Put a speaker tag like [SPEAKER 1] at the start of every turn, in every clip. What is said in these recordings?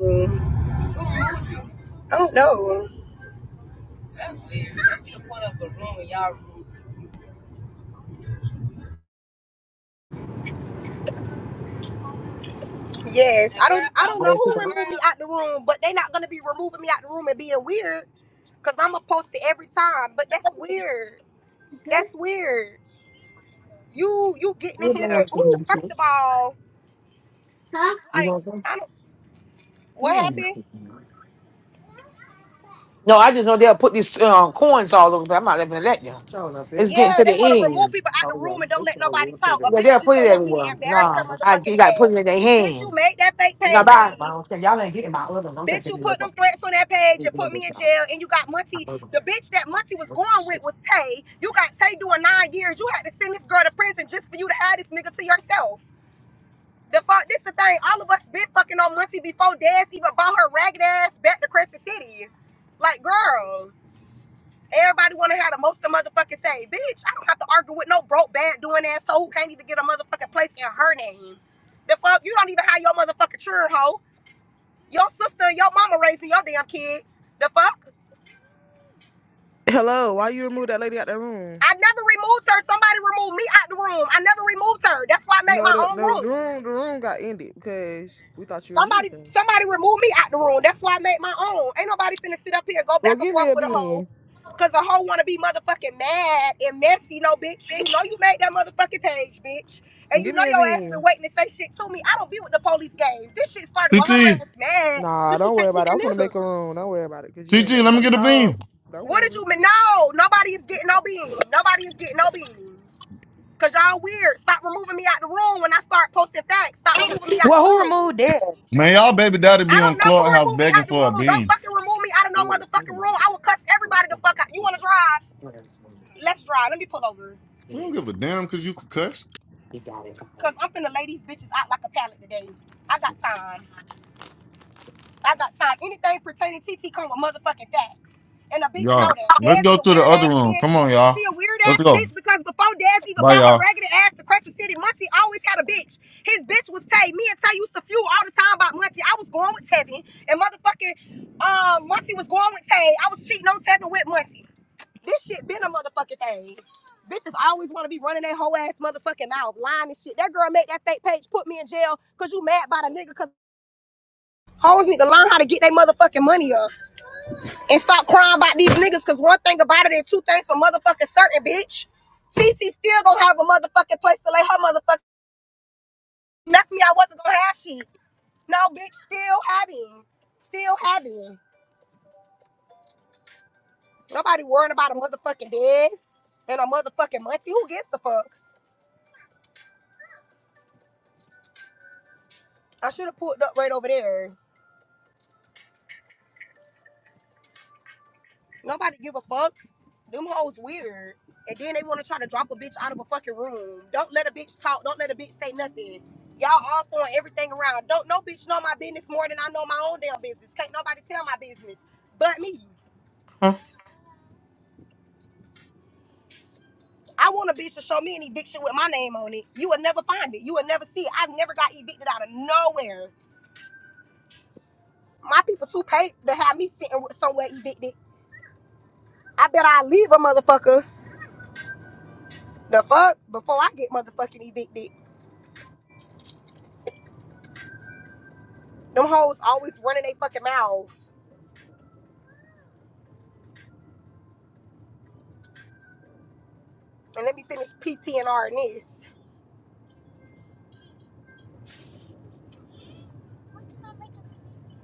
[SPEAKER 1] Mm, I don't know. That's weird. You done put up a room in y'all room. Yes, I don't. I don't know who removed me out the room, but they not gonna be removing me out the room and being weird, cause I'm gonna post it every time. But that's weird. That's weird. You you getting in here? Ooh, first of all, like I don't. What happened?
[SPEAKER 2] No, I just know they'll put these uh, coins all over. But I'm not even gonna let them. It's getting
[SPEAKER 1] Yeah,
[SPEAKER 2] to the
[SPEAKER 1] they want to remove
[SPEAKER 2] end.
[SPEAKER 1] people out the room and don't let nobody talk. A
[SPEAKER 2] Yeah,
[SPEAKER 1] bitch
[SPEAKER 2] they'll
[SPEAKER 1] just don't want me to
[SPEAKER 2] put.
[SPEAKER 1] embarrass
[SPEAKER 2] Nah,
[SPEAKER 1] her
[SPEAKER 2] I
[SPEAKER 1] motherfucking
[SPEAKER 2] did.
[SPEAKER 1] ass. Bitch, you made that fake page of me. Bitch, you put them threats on that page and put me in jail, and you got Muncie. The bitch that Muncie was going with was Tay. You got Tay doing nine years. You had to send this girl to prison just for you to have this nigga to yourself. The fuck, this the thing. All of us been fucking on Muncie before Daz even bought her ragged ass back to Crescent City. Like, girl, everybody wanna have the most to motherfucking say. Bitch, I don't have to argue with no broke bad doing ass hoe who can't even get a motherfucking place in her name. The fuck, you don't even have your motherfucking children, hoe. Your sister and your mama raising your damn kids. The fuck?
[SPEAKER 3] Hello, why you remove that lady out the room?
[SPEAKER 1] I never removed her. Somebody removed me out the room. I never removed her. That's why I made
[SPEAKER 3] No,
[SPEAKER 1] my
[SPEAKER 3] the
[SPEAKER 1] own
[SPEAKER 3] no the
[SPEAKER 1] room.
[SPEAKER 3] room the room got ended because we thought you removed
[SPEAKER 1] Somebody
[SPEAKER 3] them.
[SPEAKER 1] somebody removed me out the room. That's why I made my own. Ain't nobody finna sit up here and go
[SPEAKER 3] Well,
[SPEAKER 1] back and
[SPEAKER 3] give me
[SPEAKER 1] forth
[SPEAKER 3] a
[SPEAKER 1] with a hoe.
[SPEAKER 3] bean.
[SPEAKER 1] Cause a hoe wanna be motherfucking mad and messy, no bitch. You know you made that motherfucking page, bitch. And you
[SPEAKER 3] Give
[SPEAKER 1] know
[SPEAKER 3] me a
[SPEAKER 1] your ass been
[SPEAKER 3] bean.
[SPEAKER 1] waiting to say shit to me. I don't be with the police game. This shit started
[SPEAKER 4] T
[SPEAKER 1] with her
[SPEAKER 4] T
[SPEAKER 1] ass mad.
[SPEAKER 3] Nah,
[SPEAKER 1] Cause she
[SPEAKER 3] don't worry
[SPEAKER 1] can't
[SPEAKER 3] about
[SPEAKER 1] get
[SPEAKER 3] it.
[SPEAKER 1] the
[SPEAKER 3] I'm gonna make a
[SPEAKER 1] nigga.
[SPEAKER 3] room. Don't worry about it because you
[SPEAKER 4] T
[SPEAKER 3] ain't
[SPEAKER 4] T,
[SPEAKER 3] let
[SPEAKER 4] let me
[SPEAKER 3] nobody
[SPEAKER 4] get a
[SPEAKER 3] talk.
[SPEAKER 4] beam.
[SPEAKER 3] Don't
[SPEAKER 1] What did
[SPEAKER 3] worry.
[SPEAKER 1] you mean? No, nobody is getting no bean. Nobody is getting no bean. Cause y'all weird. Stop removing me out the room when I start posting facts. Stop removing me out
[SPEAKER 5] Well,
[SPEAKER 1] the
[SPEAKER 5] who
[SPEAKER 1] room.
[SPEAKER 5] removed that?
[SPEAKER 4] Man, y'all baby daddy
[SPEAKER 1] I
[SPEAKER 4] be on
[SPEAKER 1] don't know who
[SPEAKER 4] Clubhouse
[SPEAKER 1] removed me
[SPEAKER 4] begging
[SPEAKER 1] out the
[SPEAKER 4] for a
[SPEAKER 1] room. Don't
[SPEAKER 4] beam.
[SPEAKER 1] fucking remove me out of no motherfucking room. I will cuss everybody the fuck out. You wanna drive? Let's drive. Let me pull over.
[SPEAKER 4] We don't give a damn because you could cuss.
[SPEAKER 1] Cause I'm finna lay these bitches out like a pallet today. I got time. I got time. Anything pertaining to TT come with motherfucking facts. And a bitch know
[SPEAKER 4] Y'all,
[SPEAKER 1] that.
[SPEAKER 4] let's
[SPEAKER 1] Daz
[SPEAKER 4] go
[SPEAKER 1] is a
[SPEAKER 4] to the
[SPEAKER 1] weird
[SPEAKER 4] other
[SPEAKER 1] ass
[SPEAKER 4] room.
[SPEAKER 1] bitch.
[SPEAKER 4] Come on,
[SPEAKER 1] She
[SPEAKER 4] y'all.
[SPEAKER 1] a weird
[SPEAKER 4] Let's
[SPEAKER 1] ass
[SPEAKER 4] go.
[SPEAKER 1] bitch because before Daz even
[SPEAKER 4] Bye,
[SPEAKER 1] bought her
[SPEAKER 4] y'all.
[SPEAKER 1] raggedy ass to Crescent City, Muncie always had a bitch. His bitch was Tay. Me and Tay used to feud all the time about Muncie. I was going with Tevin. And motherfucking um Muncie was going with Tay. I was cheating on Tevin with Muncie. This shit been a motherfucking thing. Bitches always want to be running their whole ass motherfucking mouth, lying and shit. That girl made that fake page put me in jail because you mad about a nigga 'cause Hoes need to learn how to get their motherfucking money up and stop crying about these niggas. Cause one thing about it, and two things for motherfucking certain, bitch. Cece still gonna have a motherfucking place to lay her motherfucking. Left me, I wasn't gonna have shit. No, bitch, still having, still having. Nobody worrying about a motherfucking Dez and a motherfucking Muncie. Who gives a fuck? I should have pulled up right over there. Nobody give a fuck. Them hoes weird. And then they want to try to drop a bitch out of a fucking room. Don't let a bitch talk. Don't let a bitch say nothing. Y'all all throwing everything around. Don't no bitch know my business more than I know my own damn business. Can't nobody tell my business but me.
[SPEAKER 6] Hmm.
[SPEAKER 1] I want a bitch to show me an eviction with my name on it. You will never find it. You will never see it. I've never got evicted out of nowhere. My people too paid to have me sitting with somewhere evicted. I bet I leave a motherfucker the fuck before I get motherfucking evicted. Them hoes always running their fucking mouths. And let me finish PTNR and R and this.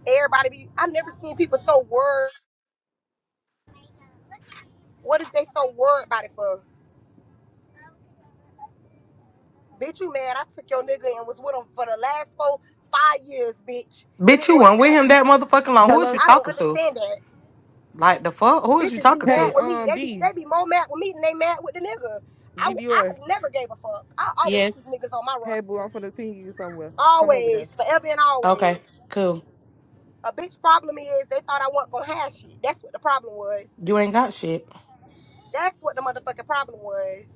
[SPEAKER 1] Everybody be, I never seen people so worried. What is they so worried about it for? Bitch, you mad? I took your nigga and was with him for the last four, five years, bitch. And it
[SPEAKER 6] Bitch, you
[SPEAKER 1] wasn't
[SPEAKER 6] weren't with him
[SPEAKER 1] nothing.
[SPEAKER 6] that motherfucking long. Who is
[SPEAKER 3] Hello.
[SPEAKER 6] you
[SPEAKER 1] I don't
[SPEAKER 6] talking to?
[SPEAKER 1] understand that.
[SPEAKER 6] Like the fuck? Who is you
[SPEAKER 1] Bitches be
[SPEAKER 6] talking
[SPEAKER 1] mad
[SPEAKER 6] to?
[SPEAKER 3] Hey,
[SPEAKER 1] with me.
[SPEAKER 3] um,
[SPEAKER 1] They be
[SPEAKER 3] D,
[SPEAKER 1] they be more mad with me than they mad with the nigga. I,
[SPEAKER 3] D
[SPEAKER 1] I
[SPEAKER 3] Dior.
[SPEAKER 1] never gave a fuck. I always keep
[SPEAKER 6] Yes.
[SPEAKER 1] niggas on my
[SPEAKER 3] Hey, boo, I'm
[SPEAKER 1] roster.
[SPEAKER 3] gonna ping you somewhere. Come over there.
[SPEAKER 1] Always, forever and always.
[SPEAKER 6] Okay. Cool.
[SPEAKER 1] A bitch problem is they thought I wasn't gonna have shit. That's what the problem was.
[SPEAKER 6] You ain't got shit.
[SPEAKER 1] That's what the motherfucking problem was.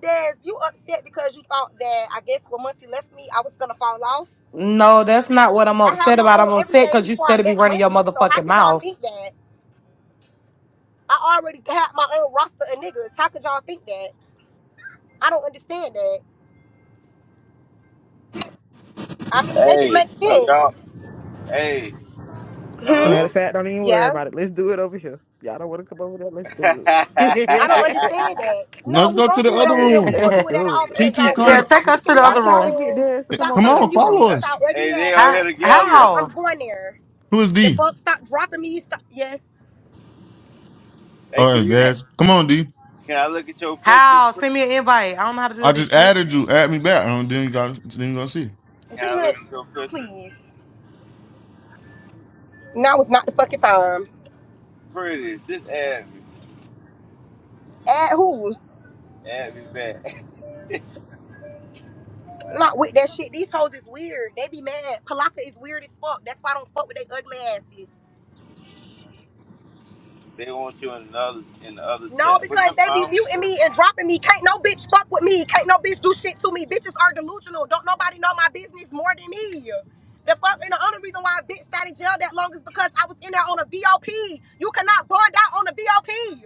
[SPEAKER 1] Des, you upset because you thought that I guess when Muncie left me, I was gonna fall off.
[SPEAKER 6] No, that's not what I'm
[SPEAKER 1] I had
[SPEAKER 6] upset
[SPEAKER 1] my
[SPEAKER 6] about.
[SPEAKER 1] own
[SPEAKER 6] I'm upset
[SPEAKER 1] everything
[SPEAKER 6] because you
[SPEAKER 1] before I
[SPEAKER 6] still be
[SPEAKER 1] met
[SPEAKER 6] running your
[SPEAKER 1] Muncie, so how
[SPEAKER 6] motherfucking
[SPEAKER 1] could y'all
[SPEAKER 6] mouth.
[SPEAKER 1] think that? I already had my own roster of niggas. How could y'all think that? I don't understand that. I mean, make it
[SPEAKER 7] Hey,
[SPEAKER 1] make
[SPEAKER 7] so
[SPEAKER 1] sense.
[SPEAKER 7] y'all, hey,
[SPEAKER 1] Hmm.
[SPEAKER 3] Matter of
[SPEAKER 7] hello?
[SPEAKER 3] fact, don't even worry
[SPEAKER 1] Yeah.
[SPEAKER 3] about it. Let's do it over here. Y'all don't want to come over there. Let's
[SPEAKER 7] hey,
[SPEAKER 3] do
[SPEAKER 1] I don't
[SPEAKER 3] it.
[SPEAKER 1] understand that. No,
[SPEAKER 4] Let's
[SPEAKER 1] we
[SPEAKER 4] go to
[SPEAKER 1] gonna
[SPEAKER 4] the
[SPEAKER 1] do it
[SPEAKER 4] other
[SPEAKER 1] over here. We ain't
[SPEAKER 4] room.
[SPEAKER 3] Let's
[SPEAKER 1] gonna
[SPEAKER 6] yeah,
[SPEAKER 1] do it at
[SPEAKER 3] do
[SPEAKER 1] all
[SPEAKER 3] it.
[SPEAKER 7] hey,
[SPEAKER 4] T
[SPEAKER 1] because
[SPEAKER 4] T,
[SPEAKER 1] y'all
[SPEAKER 4] come,
[SPEAKER 1] weird.
[SPEAKER 6] take
[SPEAKER 1] Stop
[SPEAKER 6] us
[SPEAKER 1] kicking
[SPEAKER 6] to
[SPEAKER 1] me
[SPEAKER 6] the
[SPEAKER 3] I
[SPEAKER 1] out
[SPEAKER 6] other
[SPEAKER 1] of the
[SPEAKER 3] tried to
[SPEAKER 6] room.
[SPEAKER 3] get
[SPEAKER 1] room.
[SPEAKER 7] hey,
[SPEAKER 3] Des to come
[SPEAKER 1] Stop
[SPEAKER 3] over
[SPEAKER 4] come
[SPEAKER 3] there.
[SPEAKER 1] fucking
[SPEAKER 4] on,
[SPEAKER 3] Come
[SPEAKER 1] muting
[SPEAKER 3] on.
[SPEAKER 1] me
[SPEAKER 4] follow
[SPEAKER 1] with
[SPEAKER 4] us.
[SPEAKER 1] y'all ugly
[SPEAKER 7] they all
[SPEAKER 1] asses.
[SPEAKER 7] here
[SPEAKER 6] How?
[SPEAKER 1] I'm,
[SPEAKER 7] together.
[SPEAKER 6] How?
[SPEAKER 1] I'm going there.
[SPEAKER 4] Who is
[SPEAKER 1] The
[SPEAKER 4] D?
[SPEAKER 1] fuck, stop dropping me. Stop. Yes.
[SPEAKER 7] Hey,
[SPEAKER 4] Oh,
[SPEAKER 7] can
[SPEAKER 4] it's
[SPEAKER 7] you,
[SPEAKER 4] Dash. Come on, D.
[SPEAKER 7] can I look at your pictures,
[SPEAKER 6] How?
[SPEAKER 7] pretty?
[SPEAKER 6] Send me an invite. I don't know how to do
[SPEAKER 4] I
[SPEAKER 6] this
[SPEAKER 4] just
[SPEAKER 6] shit.
[SPEAKER 4] added you. Add me back. And then you got, then you gonna see.
[SPEAKER 7] Can
[SPEAKER 1] Drink
[SPEAKER 7] I look at your pictures,
[SPEAKER 1] please. Now is not the fucking time.
[SPEAKER 7] pretty? Just add me,
[SPEAKER 1] At who?
[SPEAKER 7] add me back.
[SPEAKER 1] Not with that shit. These hoes is weird. They be mad. Palaka is weird as fuck. That's why I don't fuck with they ugly asses.
[SPEAKER 7] They want you in another, in the other
[SPEAKER 1] No,
[SPEAKER 7] chat, but never
[SPEAKER 1] because they
[SPEAKER 7] mind, I
[SPEAKER 1] be
[SPEAKER 7] don't
[SPEAKER 1] muting
[SPEAKER 7] care.
[SPEAKER 1] me and dropping me. Can't no bitch fuck with me. Can't no bitch do shit to me. Bitches are delusional. Don't nobody know my business more than me. The fuck and the only reason why I bitch sat in jail that long is because I was in there on a VOP. You cannot bond out on a VOP.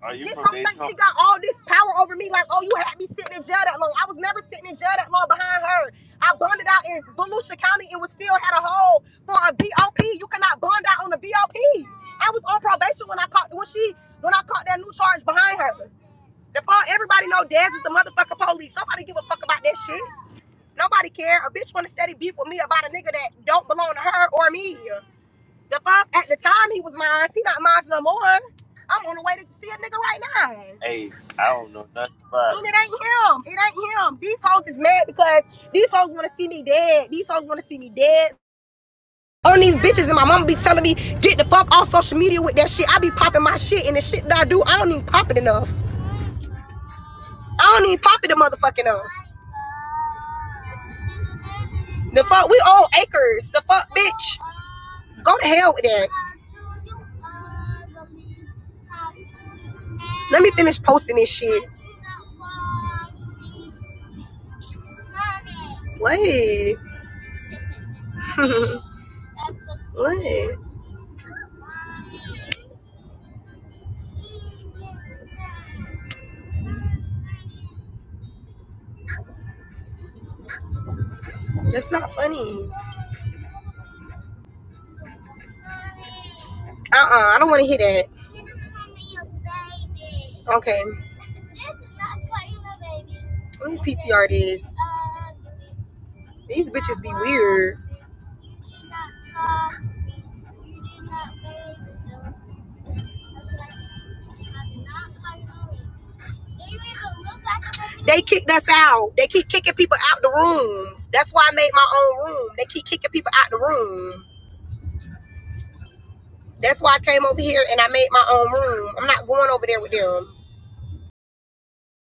[SPEAKER 7] Are you
[SPEAKER 1] This
[SPEAKER 7] from
[SPEAKER 1] whole thing,
[SPEAKER 7] Daytona?
[SPEAKER 1] she got all this power over me. Like, oh, you had me sitting in jail that long. I was never sitting in jail that long behind her. I bonded out in Volusia County and was still had a hold for a BOP. You cannot bond out on a BOP. I was on probation when I caught when she when I caught that new charge behind her. The fuck everybody know Dez is the motherfucking police. Nobody give a fuck about that shit. Nobody care. A bitch wanna steady beef with me about a nigga that don't belong to her or me. The fuck? At the time he was mine. He not mine no more. I'm on the way to see a nigga right now.
[SPEAKER 7] Hey, I don't know nothing about it.
[SPEAKER 1] And it ain't him. It ain't him. These hoes is mad because these hoes wanna see me dead. These hoes wanna see me dead. On these bitches and my mama be telling me, get the fuck off social media with that shit. I be popping my shit and the shit that I do, I don't even pop it enough. I don't even pop it the motherfucking enough. The fuck, we own acres. The fuck, bitch. Go to hell with that. Let me finish posting this shit. Wait. What? That's not funny. Uh-uh. I don't want to hear that. Okay. Let me PTR this. These bitches be weird. They kicked us out. They keep kicking people out the rooms. That's why I made my own room. They keep kicking people out the room. That's why I came over here and I made my own room. I'm not going over there with them.